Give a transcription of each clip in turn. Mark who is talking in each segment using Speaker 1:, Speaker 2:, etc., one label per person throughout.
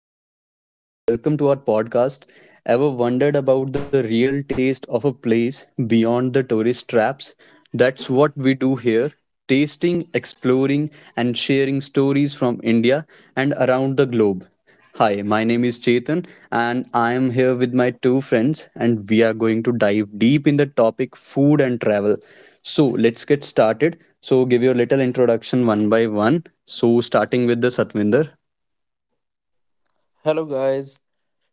Speaker 1: Hi, everyone, and welcome to our podcast. Ever wondered about the real taste of a place beyond the tourist traps? That's what we do here, tasting, exploring, and sharing stories from India and around the globe. Hi, my name is Chetan, and I am here with my two friends, and we are going to dive deep in the topic food and travel. So, let's get started. So, give your little introduction one by one. So, starting with the Satvinder.
Speaker 2: Hello, guys.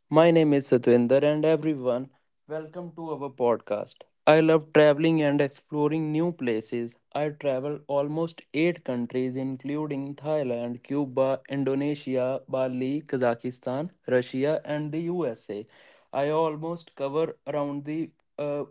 Speaker 2: My name is Satwinder, and everyone. Welcome to our podcast. I love traveling and exploring new places. I travel almost 8 countries including Thailand, Cuba, Indonesia, Bali, Kazakhstan, Russia and the USA. I almost cover around the uh,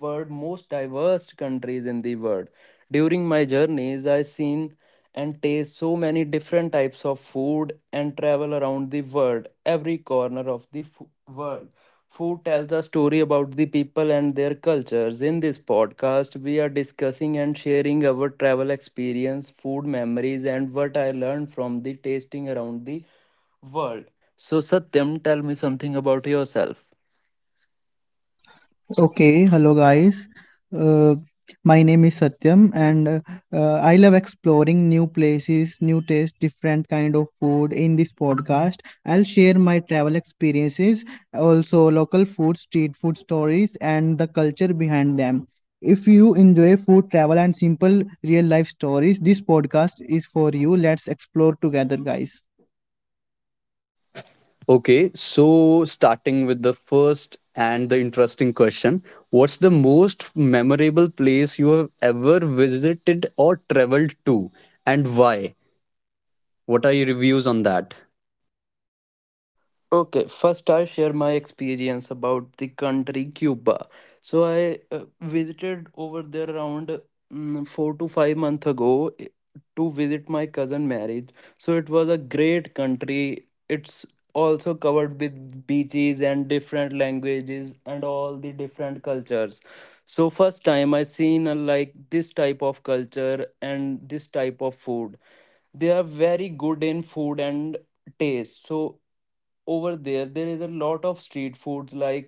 Speaker 2: world most diverse countries in the world. During my journeys I seen and taste so many different types of food and travel around the world, every corner of the world. Food tells a story about the people and their cultures. In this podcast, we are discussing and sharing our travel experience, food memories, and what I learned from the tasting around the world. So, Satyam, tell me something about yourself.
Speaker 3: Okay, hello guys. Uh, my name is Satyam, and I love exploring new places, new tastes, different kind of food. In this podcast, I'll share my travel experiences, also local food, street food stories, and the culture behind them. If you enjoy food, travel, and simple real life stories, this podcast is for you. Let's explore together, guys.
Speaker 1: Okay, so starting with the first and the interesting question, what's the most memorable place you have ever visited or traveled to, and why? What are your reviews on that?
Speaker 2: Okay, first I'll share my experience about the country Cuba. So I visited over there around 4 to 5 months ago to visit my cousin marriage. So it was a great country. It's also covered with beaches and different languages and all the different cultures. So first time I seen like this type of culture and this type of food. They are very good in food and taste. So over there there is a lot of street foods like.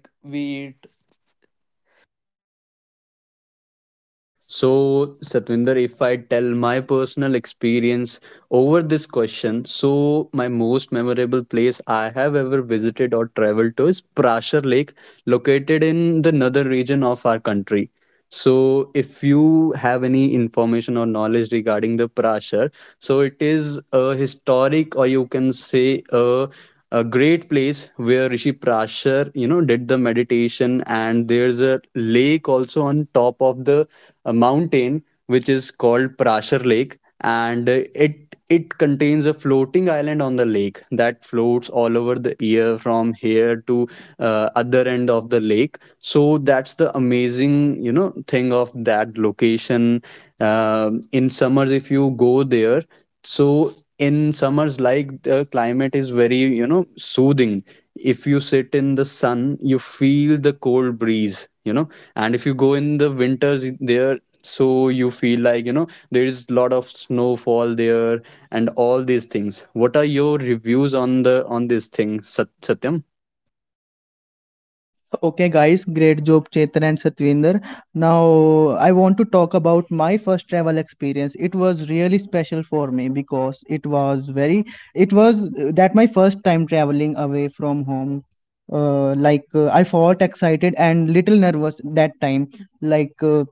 Speaker 1: So, Satvinder, if I tell my personal experience over this question, so my most memorable place I have ever visited or traveled to is Prashar Lake, located in the northern region of our country. So, if you have any information or knowledge regarding the Prashar, so it is a historic, or you can say a great place where Rishi Prasher, you know, did the meditation, and there's a lake also on top of the mountain, which is called Prasher Lake, and it contains a floating island on the lake that floats all over the year from here to other end of the lake. So that's the amazing, you know, thing of that location. In summers, if you go there. So in summers, like, the climate is very, you know, soothing. If you sit in the sun, you feel the cold breeze, you know, and if you go in the winters there, so you feel like, you know, there is lot of snowfall there and all these things. What are your reviews on the on this thing, Satyam?
Speaker 3: Okay, guys, great job, Chetan and Satvinder. Now, I want to talk about my first travel experience. It was really special for me because it was very, it was that my first time traveling away from home. I felt excited and little nervous that time. Like, uh,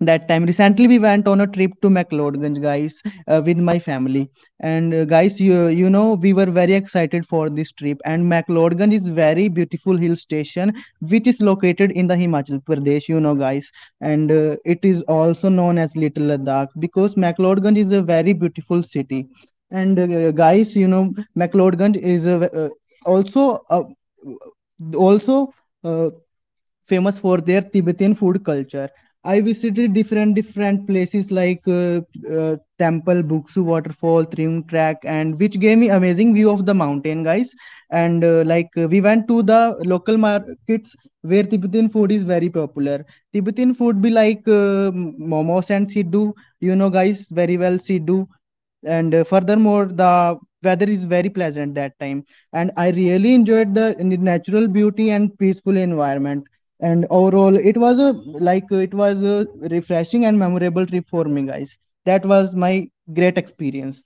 Speaker 3: that time recently we went on a trip to mcleodganj guys, with my family, and guys, you know we were very excited for this trip, and mcleodganj is very beautiful hill station which is located in the Himachal Pradesh, you know, guys. And it is also known as Little Ladakh because McLeodganj is a very beautiful city. And guys, you know, McLeodganj is a, also a, also uh, famous for their Tibetan food culture. I visited different places like temple, Buksu waterfall, Triung track, and which gave me amazing view of the mountain, guys. And we went to the local markets where Tibetan food is very popular. Tibetan food be like momos and siddu, you know, guys, very well siddu, and furthermore the weather is very pleasant that time, and I really enjoyed the natural beauty and peaceful environment, and overall it was a refreshing and memorable trip for me, guys. That was my great experience.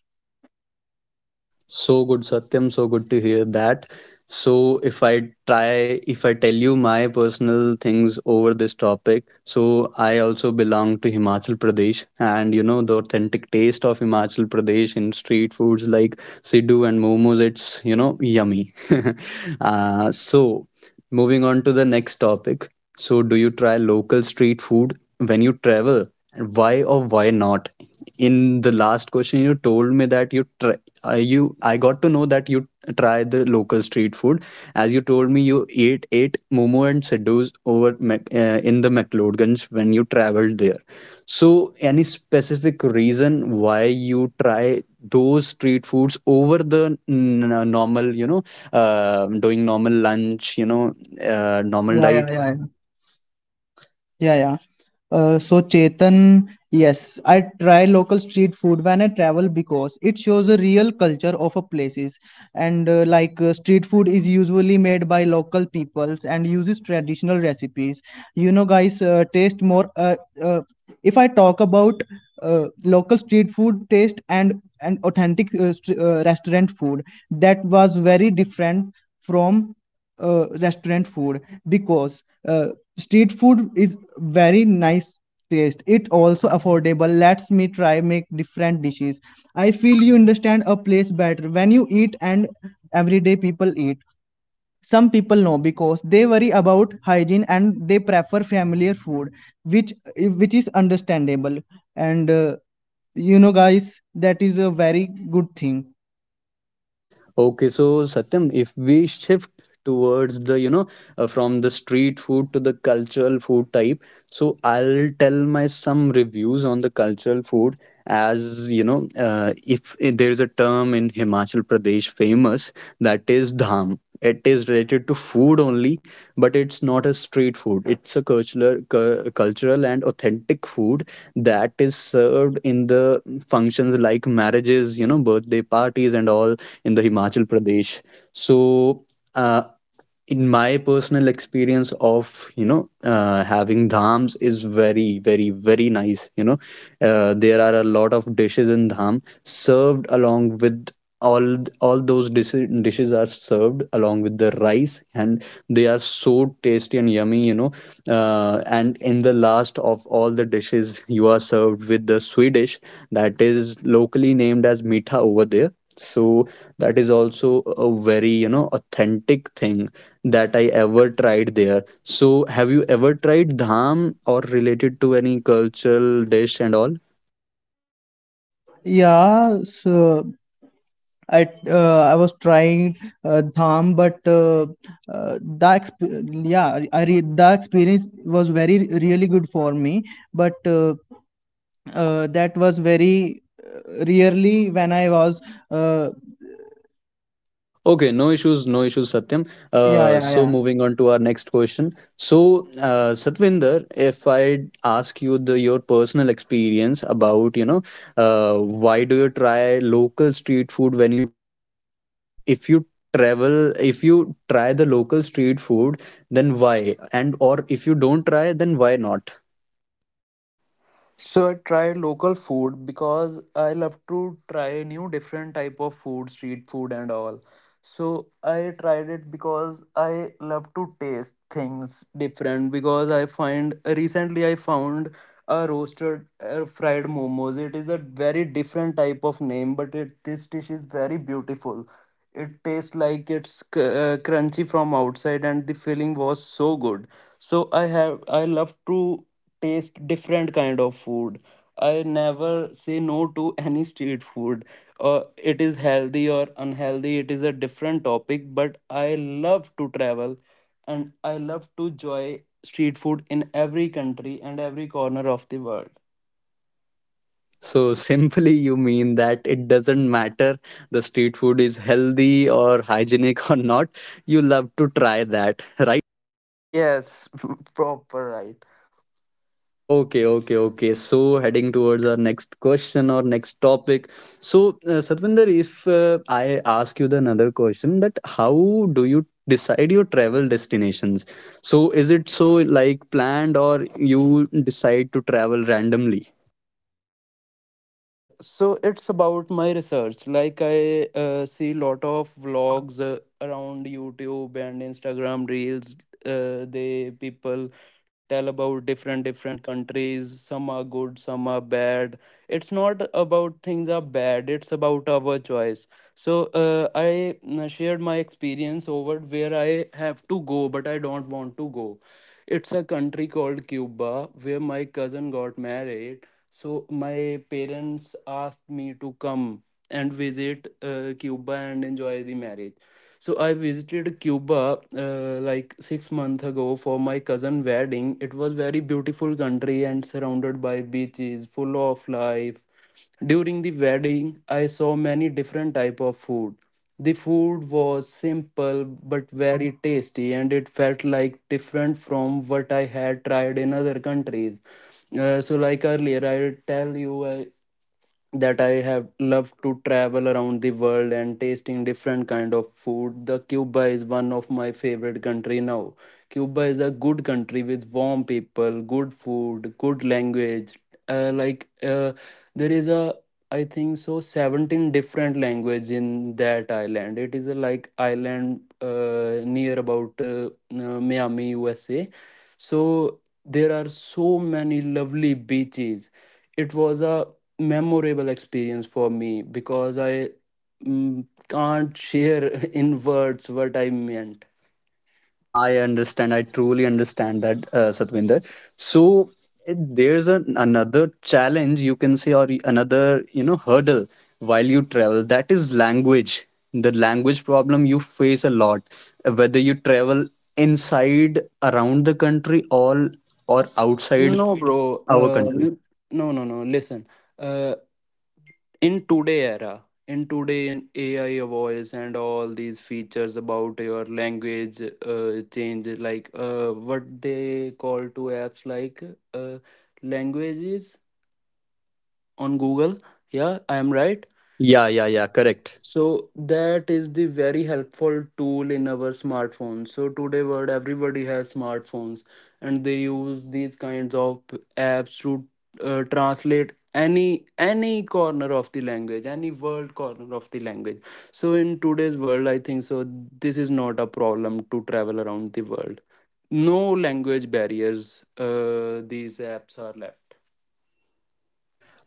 Speaker 1: So good, Satyam. So good to hear that. So, if I try, if I tell you my personal things over this topic, so I also belong to Himachal Pradesh, and you know, the authentic taste of Himachal Pradesh in street foods like Sidhu and momos, it's, you know, yummy. uh, so, Moving on to the next topic. So, do you try local street food when you travel? And why or why not? In the last question, you told me that you try, you I got to know that you try the local street food. As you told me, you ate Momo and Siddu's over in the McLeodganj when you traveled there. So, any specific reason why you try those street foods over the normal, you know, doing normal lunch, you know, normal
Speaker 3: Yeah,
Speaker 1: diet.
Speaker 3: yeah, yeah, yeah. Yeah, yeah. So Chetan, yes, I try local street food when I travel because it shows a real culture of a places. And street food is usually made by local peoples and uses traditional recipes. You know, guys, taste more. Uh, if I talk about local street food taste and authentic str restaurant food, that was very different from restaurant food because. Street food is very nice taste. It also affordable. Lets me try make different dishes. I feel you understand a place better when you eat and everyday people eat. Some people know because they worry about hygiene and they prefer familiar food, which is understandable. And you know guys, that is a very good thing.
Speaker 1: Okay, so, Satyam, if we shift towards the, you know, from the street food to the cultural food type. So I'll tell my some reviews on the cultural food. As you know, if there is a term in Himachal Pradesh famous, that is dham. It is related to food only, but it's not a street food. It's a cultural and authentic food that is served in the functions like marriages, you know, birthday parties and all in the Himachal Pradesh. So. Uh, in my personal experience of, you know, having dhams is very nice, you know. There are a lot of dishes in dham served along with all dishes are served along with the rice, and they are so tasty and yummy, you know. And in the last of all the dishes you are served with the swedish, that is locally named as mitha over there. So that is also a very, you know, authentic thing that I ever tried there. So, have you ever tried dham or related to any cultural dish and all?
Speaker 3: Yeah, so I was trying Dham, but yeah, the experience was very really good for me. But that was very rarely when I was uh,
Speaker 1: Okay, no issues, no issues, Satyam.
Speaker 3: yeah, yeah,
Speaker 1: So,
Speaker 3: yeah,
Speaker 1: moving on to our next question. So, Satvinder, if I ask you the your personal experience about, you know, why do you try local street food when you travel, and if you travel, if you try the local street food, then why? And or if you don't try, then why not?
Speaker 2: So I try local food because I love to try new different type of food, street food and all. So I tried it because I love to taste things different because I find recently I found a roasted fried momos. It is a very different type of name, but it this dish is very beautiful. It tastes like it's crunchy from outside and the filling was so good. So I love to taste different kind of food. I never say no to any street food. uh, it is healthy or unhealthy, it is a different topic, but I love to travel and I love to enjoy street food in every country and every corner of the world.
Speaker 1: So simply you mean that it doesn't matter the street food is healthy or hygienic or not, you love to try that, right?
Speaker 2: Yes, proper right.
Speaker 1: Okay, okay, okay. So heading towards our next question or next topic. So, Satvinder, if, I ask you the another question, that how do you decide your travel destinations? So is it so like planned or you decide to travel randomly?
Speaker 2: So it's about my research. Like I see lot of vlogs around YouTube and Instagram reels. They people tell about different different countries, some are good, some are bad. It's not about things are bad, it's about our choice. So I shared my experience over where I have to go but I don't want to go. It's a country called Cuba where my cousin got married. So my parents asked me to come and visit Cuba and enjoy the marriage. So I visited Cuba like 6 months ago for my cousin wedding. It was very beautiful country and surrounded by beaches, full of life. During the wedding, I saw many different type of food. The food was simple but very tasty, and it felt like different from what I had tried in other countries. Like earlier, I tell you that I have loved to travel around the world and tasting different kind of food. The Cuba is one of my favorite country now. Cuba is a good country with warm people, good food, good language. Like there is a, I think so, 17 different language in that island. It is a like island near about Miami, USA. So there are so many lovely beaches. It was a memorable experience for me because I can't share in words what I meant.
Speaker 1: I understand. I truly understand that, Satvinder. So there's an, another challenge you can say, or another, you know, hurdle while you travel. That is language. The language problem you face a lot, whether you travel inside, around the country, all, or outside
Speaker 2: No, bro.
Speaker 1: our
Speaker 2: Uh,
Speaker 1: country.
Speaker 2: n- no, no, no. Listen. Uh, in today era, in today in AI voice and all these features about your language change, what they call to apps like uh, languages on Google. Yeah, I am right.
Speaker 1: Yeah, yeah, yeah. Correct.
Speaker 2: So that is the very helpful tool in our smartphones. So today world everybody has smartphones and they use these kinds of apps to translate any corner of the language, any world corner of the language. So in today's world, I think so this is not a problem to travel around the world. No language barriers, these apps are left.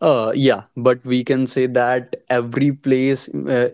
Speaker 1: Yeah, but we can say that every place,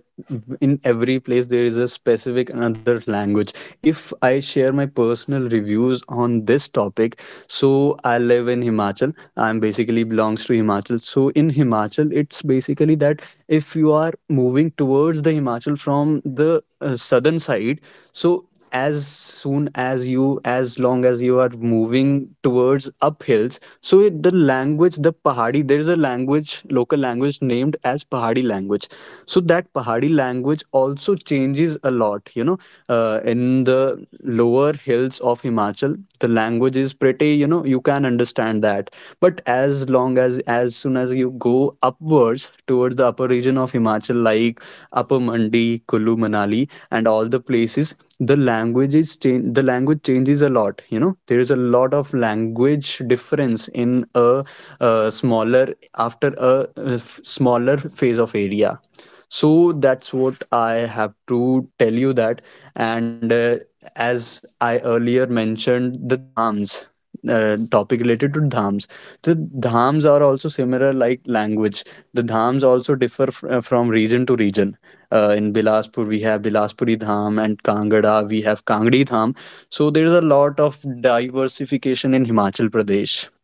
Speaker 1: in every place, there is a specific another language. If I share my personal reviews on this topic, so I live in Himachal. I'm basically belongs to Himachal. So in Himachal, it's basically that if you are moving towards the Himachal from the southern side, so as soon as you, as long as you are moving towards uphills, so the language, the Pahadi, there is a language, local language named as Pahadi language. So that Pahadi language also changes a lot, you know. In the lower hills of Himachal, the language is pretty, you know, you can understand that. But as long as soon as you go upwards towards the upper region of Himachal, like Upper Mandi, Kullu, Manali, and all the places, the language is change. The language changes a lot. You know, there is a lot of language difference in a, smaller after a, smaller phase of area. So that's what I have to tell you that. And as I earlier mentioned, the dhams, topic related to dhams. The dhams are also similar like language. The dhams also differ from region to region. In Bilaspur, we have Bilaspuri Dham, and Kangada, we have Kangdi Dham. So there's a lot of diversification in Himachal Pradesh.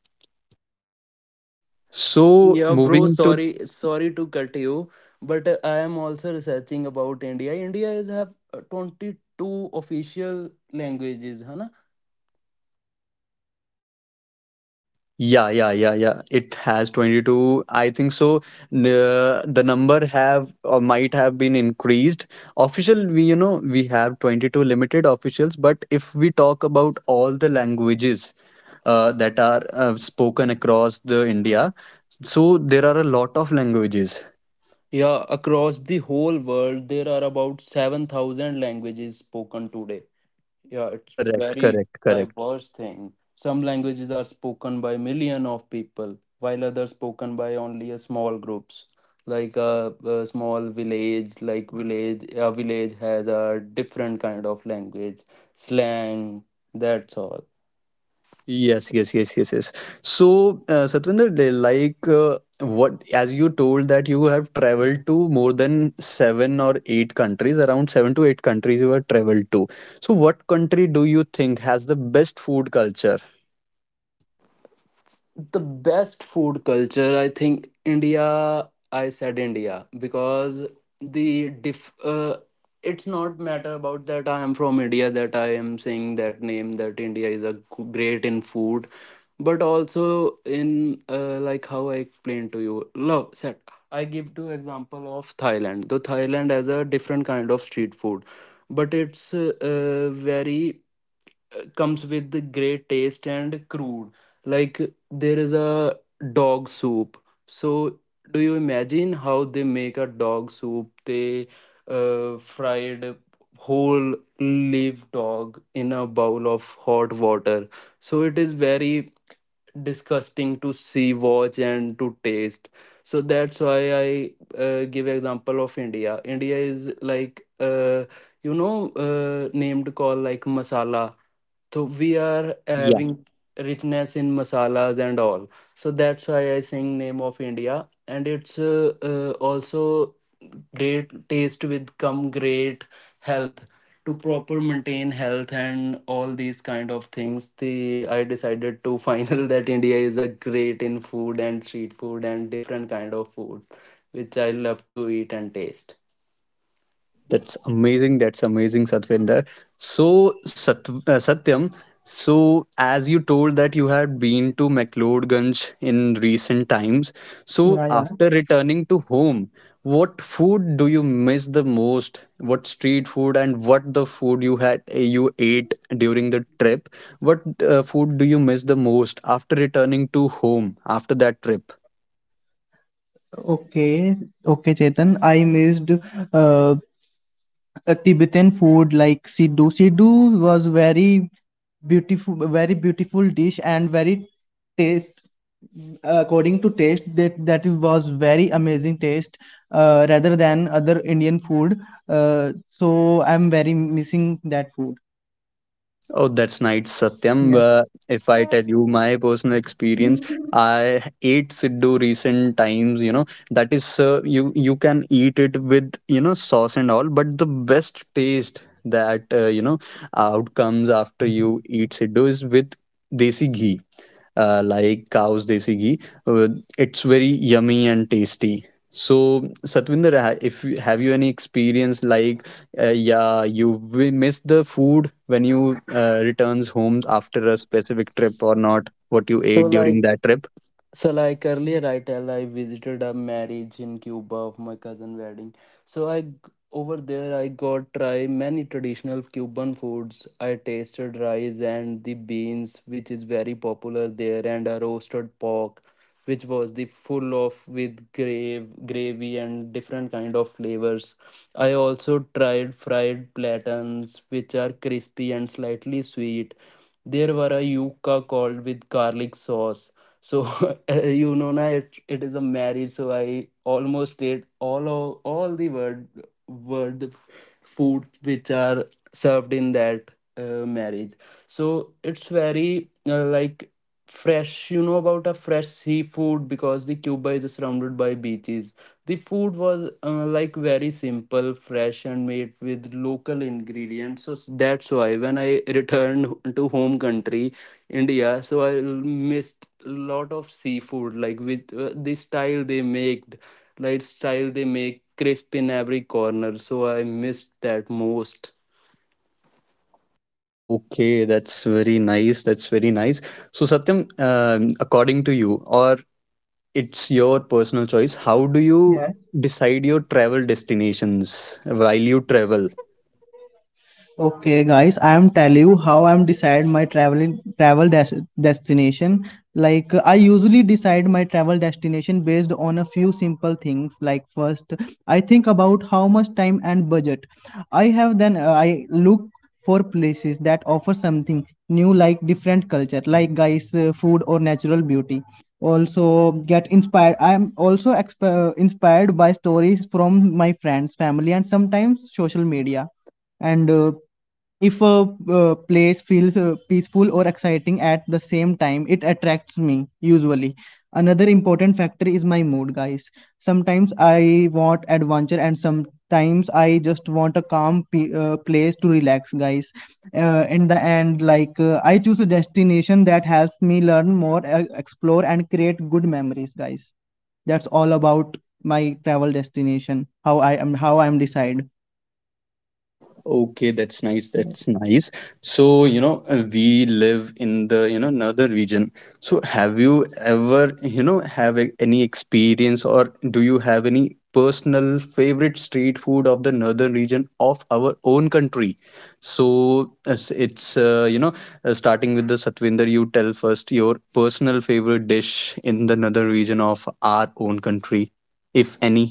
Speaker 1: So
Speaker 2: Yeah, bro,
Speaker 1: moving to.
Speaker 2: sorry to cut you, but I am also researching about India. India is have 22 official languages, huh? Na?
Speaker 1: Yeah, yeah, yeah, yeah. It has 22, I think so. The number have or might have been increased. Official, we, you know, we have 22 limited officials, but if we talk about all the languages that are spoken across the India, so there are a lot of languages.
Speaker 2: Yeah, across the whole world, there are about 7,000 languages spoken today. Yeah, it's
Speaker 1: Correct,
Speaker 2: very
Speaker 1: correct, correct.
Speaker 2: diverse thing. Some languages are spoken by million of people, while others spoken by only a small groups. Like a small village, like a village has a different kind of language, slang. That's all.
Speaker 1: Yes, yes, yes, yes, yes. So, Satvinder, they like, as you told that you have traveled to more than seven or eight countries, around seven to eight countries you have traveled to. So, what country do you think has the best food culture?
Speaker 2: The best food culture, I think, India. I said India because the diff it's not matter about that I am from India that I am saying that name, that India is a great in food, but also in, how I explained to you, love set, I give two example of Thailand. Though Thailand has a different kind of street food, but it's very, comes with the great taste and crude. Like there is a dog soup. So do you imagine how they make a dog soup? They fried whole live dog in a bowl of hot water. So it is very disgusting to see, watch, and to taste. So that's why I give example of India. India is like you know, named call like masala. So we are having richness in masalas and all, so that's why I sing name of India, and it's also great taste with come great health to proper maintain health and all these kind of things, the I decided to final that India is a great in food and street food and different kind of food which I love to eat and taste.
Speaker 1: That's amazing. That's amazing, Satvinder. So, Satyam, so as you told that you had been to McLeodganj in recent times, so
Speaker 3: yeah, yeah,
Speaker 1: after returning to home, what food do you miss the most? What street food and what the food you had you ate during the trip? What food do you miss the most after returning to home after that trip?
Speaker 3: okay, okay, Chetan. I missed uh, a Tibetan food like siddu. Siddu was very beautiful dish and very taste. According to taste, that was very amazing taste, rather than other Indian food. So I'm very missing that food.
Speaker 1: Oh, that's nice, Satyam.
Speaker 3: Yeah.
Speaker 1: If I tell you my personal experience, I ate Siddu recent times. You know that is, you you can eat it with, you know, sauce and all, but the best taste that, you know, out comes after you eat Siddu is with desi ghee, like cow's desi ghee. Uh, it's very yummy and tasty. So, Satvinder, if you, have you any experience like, yeah, you will miss the food when you returns home after a specific trip or not? What you
Speaker 2: So
Speaker 1: ate during
Speaker 2: like.
Speaker 1: that trip?
Speaker 2: So like earlier I tell I visited a marriage in Cuba of my cousin wedding. So I g- Over there I got try many traditional Cuban foods. I tasted rice and the beans which is very popular there and a roasted pork which was the full of with grave gravy and different kind of flavors. I also tried fried plantains which are crispy and slightly sweet. There were a yuca called with garlic sauce. So you know na, it is a marriage, so I almost ate all the word food which are served in that marriage. So it's very like fresh, you know, about a fresh seafood because the Cuba is surrounded by beaches. The food was like very simple, fresh, and made with local ingredients. That's why when I returned to home country, India, so I missed a lot of seafood, like with the style they made, like style they make crisp in every corner. So I missed that most.
Speaker 1: Okay, that's very nice. That's very nice. So, Satyam, according to you, or it's your personal choice, how do you decide your travel destinations while you travel?
Speaker 3: Okay, guys, I am tell you how I'm decide my destination. Like I usually decide my travel destination based on a few simple things. Like first, I think about how much time and budget I have. Then I look for places that offer something new, like different culture, like guys, food or natural beauty. Also, get inspired. I am also inspired by stories from my friends, family, and sometimes social media, and if a place feels peaceful or exciting at the same time, it attracts me usually. Another important factor is my mood, guys. Sometimes I want adventure and sometimes I just want a calm place to relax, guys. In the end, I choose a destination that helps me learn more, explore and create good memories, guys. That's all about my travel destination, how I'm decide.
Speaker 1: Okay, that's nice. That's nice. So, you know, we live in the, you know, another region. So, have you ever, you know, any experience, or do you have any personal favorite street food of the northern region of our own country? So, as it's, you know, starting with the Satvinder, you tell first your personal favorite dish in the northern region of our own country, if any.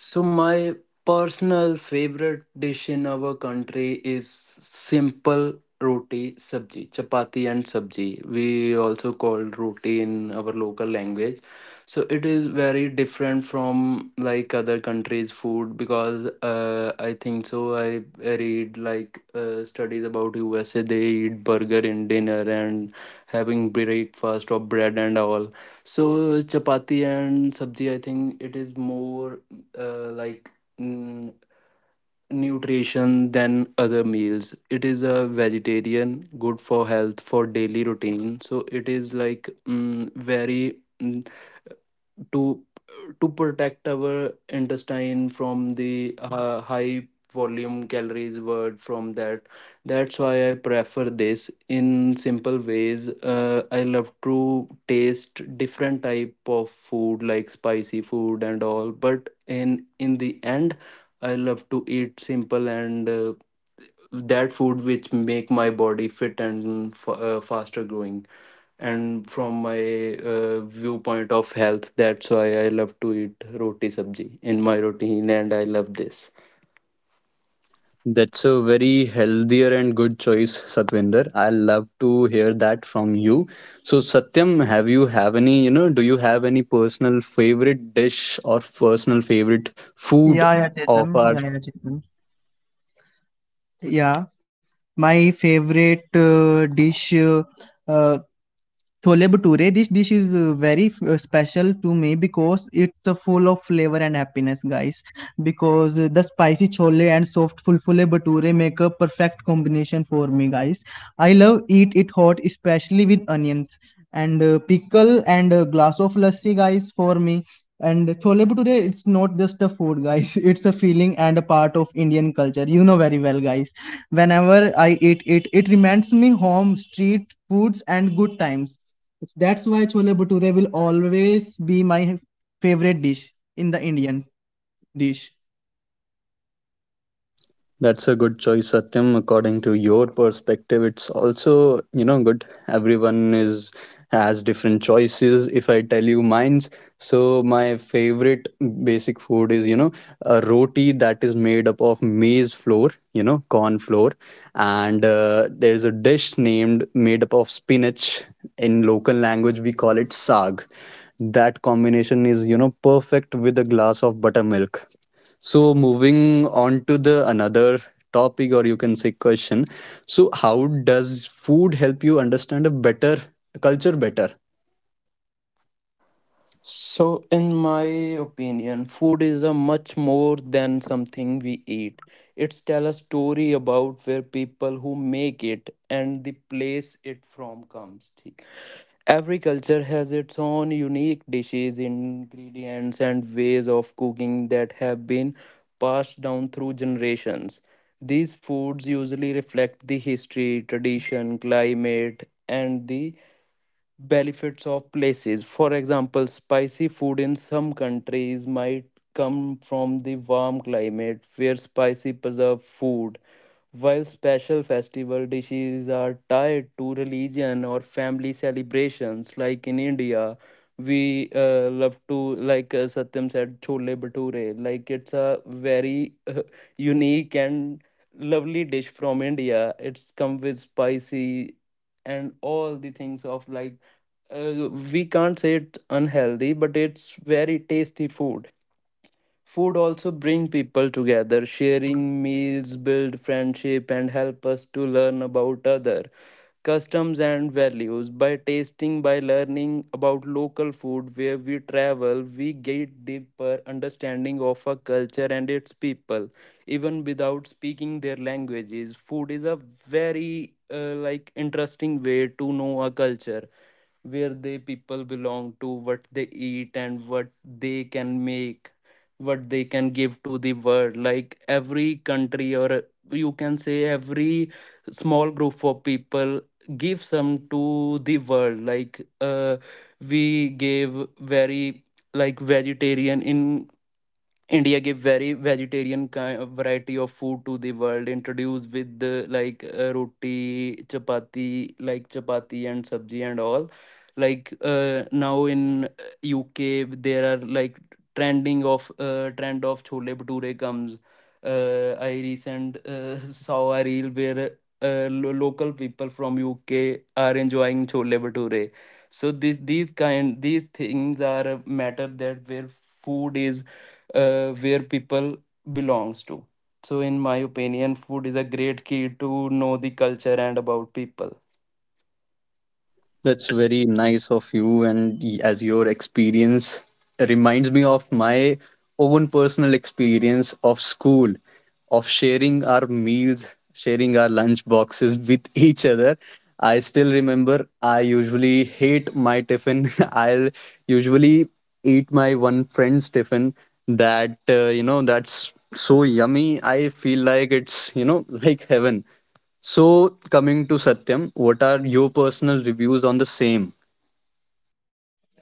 Speaker 2: So my personal favorite dish in our country is simple roti sabji, chapati and sabji. We also call roti in our local language. So it is very different from like other countries' food because I think so. I read like studies about USA. They eat burger in dinner and having breakfast of bread and all. So chapati and sabji, I think it is more uh, like mm, nutrition than other meals. It is a vegetarian, good for health, for daily routine. So it is like very, to to protect our intestine from the high volume calories word from that. That's why I prefer this in simple ways. I love to taste different type of food like spicy food and all, but in the end I love to eat simple and that food which make my body fit and faster growing. And from my viewpoint of health, that's why I love to eat roti sabji in my routine, and I love this.
Speaker 1: That's a very healthier and good choice, Satvinder. I love to hear that from you. So, Satyam, have you have any, you know, do you have any personal favorite dish or personal favorite food
Speaker 3: Yeah, yeah,
Speaker 1: of
Speaker 3: Chetan.
Speaker 1: our.
Speaker 3: Yeah, yeah, Chetan. Yeah, my favorite dish uh, Chole bhature, this dish is very special to me because it's full of flavor and happiness, guys. Because the spicy chole and soft fulfule bhature make a perfect combination for me, guys. I love eat it hot, especially with onions and pickle and a glass of lassi, guys, for me. And chole bhature, it's not just a food, guys. It's a feeling and a part of Indian culture. You know very well, guys, whenever I eat it. It reminds me home, street foods, and good times. It's, that's why chole bhature will always be my favorite dish in the Indian dish.
Speaker 1: That's a good choice, Satyam. According to your perspective, it's also, you know, good. Everyone is has different choices. If I tell you mine's, so my favorite basic food is, you know, a roti that is made up of maize flour, you know, corn flour, and there's a dish named made up of spinach. In local language, we call it saag. That combination is, you know, perfect with a glass of buttermilk. So moving on to the another topic, or you can say question. So how does food help you understand a better culture better?
Speaker 2: So, in my opinion, food is a much more than something we eat. It's tell a story about where people who make it and the place it from comes. ठीक. Every culture has its own unique dishes, ingredients, and ways of cooking that have been passed down through generations. These foods usually reflect the history, tradition, climate, and the benefits of places. For example, spicy food in some countries might come from the warm climate where spicy preserve food, while special festival dishes are tied to religion or family celebrations, like in India. We love to, Satyam said, chole bhature. Like it's a very unique and lovely dish from India. It's come with spicy and all the things of, we can't say it's unhealthy, but it's very tasty food. Food also bring people together, sharing meals, build friendship and help us to learn about other customs and values. By tasting, by learning about local food where we travel, we get deeper understanding of a culture and its people, even without speaking their languages. Food is a very like interesting way to know a culture, where the people belong to, what they eat and what they can make, what they can give to the world. Like every country, or you can say every small group of people, give some to the world. We gave very like vegetarian in India, gave very vegetarian kind of variety of food to the world, introduced with the roti, chapati, like chapati and sabji and all. Now in UK, there are like trend of chole bhature comes. I recent saw a reel where local people from UK are enjoying chole bhature. So this these kind these things are a matter that where food is, where people belongs to. So in my opinion, food is a great key to know the culture and about people.
Speaker 1: That's very nice of you, and as your experience reminds me of my own personal experience of school, of sharing our meals, sharing our lunch boxes with each other. I still remember I usually hate my tiffin. I'll usually eat my one friend's tiffin that, you know, that's so yummy. I feel like it's, you know, like heaven. So, coming to Satyam, what are your personal reviews on the same?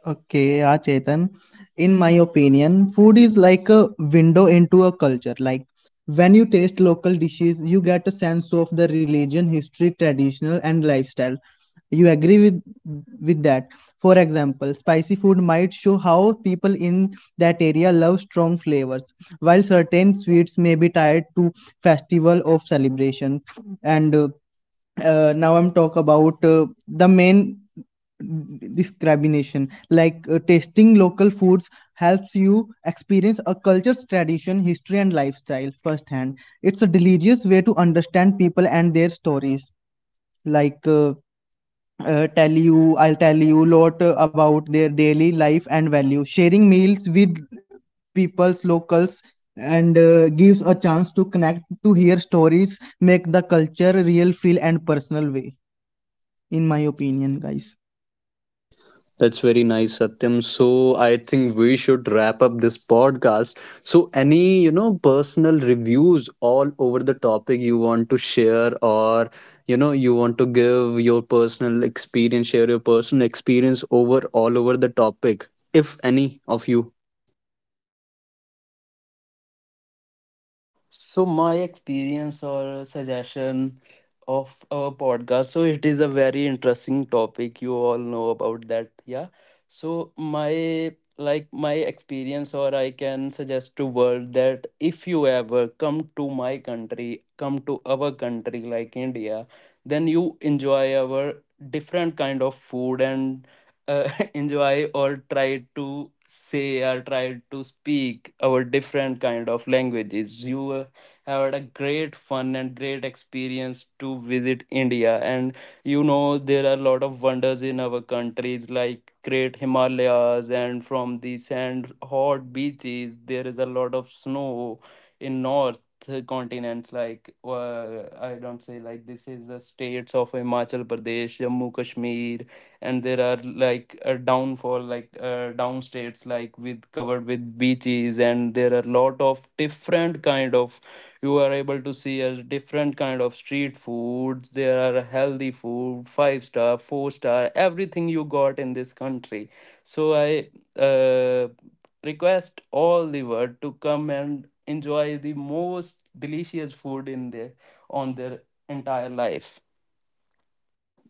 Speaker 3: Okay, yeah, Chetan. In my opinion, food is like a window into a culture. Like when you taste local dishes, you get a sense of the religion, history, traditional, and lifestyle. You agree with that. For example, spicy food might show how people in that area love strong flavors, while certain sweets may be tied to festival of celebration. And now I'm talk about the main discrimination. Tasting local foods helps you experience a culture's tradition, history, and lifestyle firsthand. It's a delicious way to understand people and their stories. Like tell you I'll tell you lot about their daily life and value. Sharing meals with people's locals, and gives a chance to connect, to hear stories, make the culture real feel and personal way, in my opinion, guys.
Speaker 1: That's very nice, Satyam. So, I think we should wrap up this podcast. So, any, you know, personal reviews all over the topic you want to share, or, you know, you want to give your personal experience, share your personal experience over all over the topic, if any of you.
Speaker 2: So my experience or suggestion of our podcast. So it is a very interesting topic. You all know about that, yeah. So my, like my experience, or I can suggest to world that if you ever come to my country, come to our country like India, then you enjoy our different kind of food and uh, enjoy or try to say or try to speak our different kind of languages. You had a great fun and great experience to visit India. And you know, there are a lot of wonders in our countries like great Himalayas, and from the sand hot beaches, there is a lot of snow in north continents, like I don't say, like this is the states of Himachal Pradesh, Jammu Kashmir, and there are like a downfall, like down states like with covered with beaches, and there are lot of different kind of, you are able to see a different kind of street foods. There are healthy food, five star, four star, everything you got in this country. So I uh, request all the world to come and enjoy the most delicious food in their, on their entire life.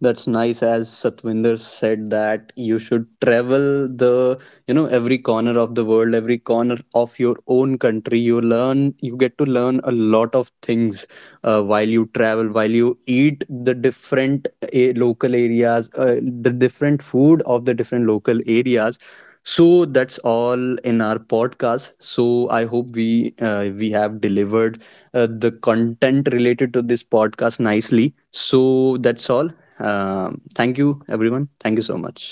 Speaker 1: That's nice, as Satvinder said, that you should travel the, you know, every corner of the world, every corner of your own country. You learn, you get to learn a lot of things while you travel, while you eat the different local areas, the different food of the different local areas. So that's all in our podcast. So I hope we, we have delivered the content related to this podcast nicely. So that's all. Thank you, everyone. Thank you so much.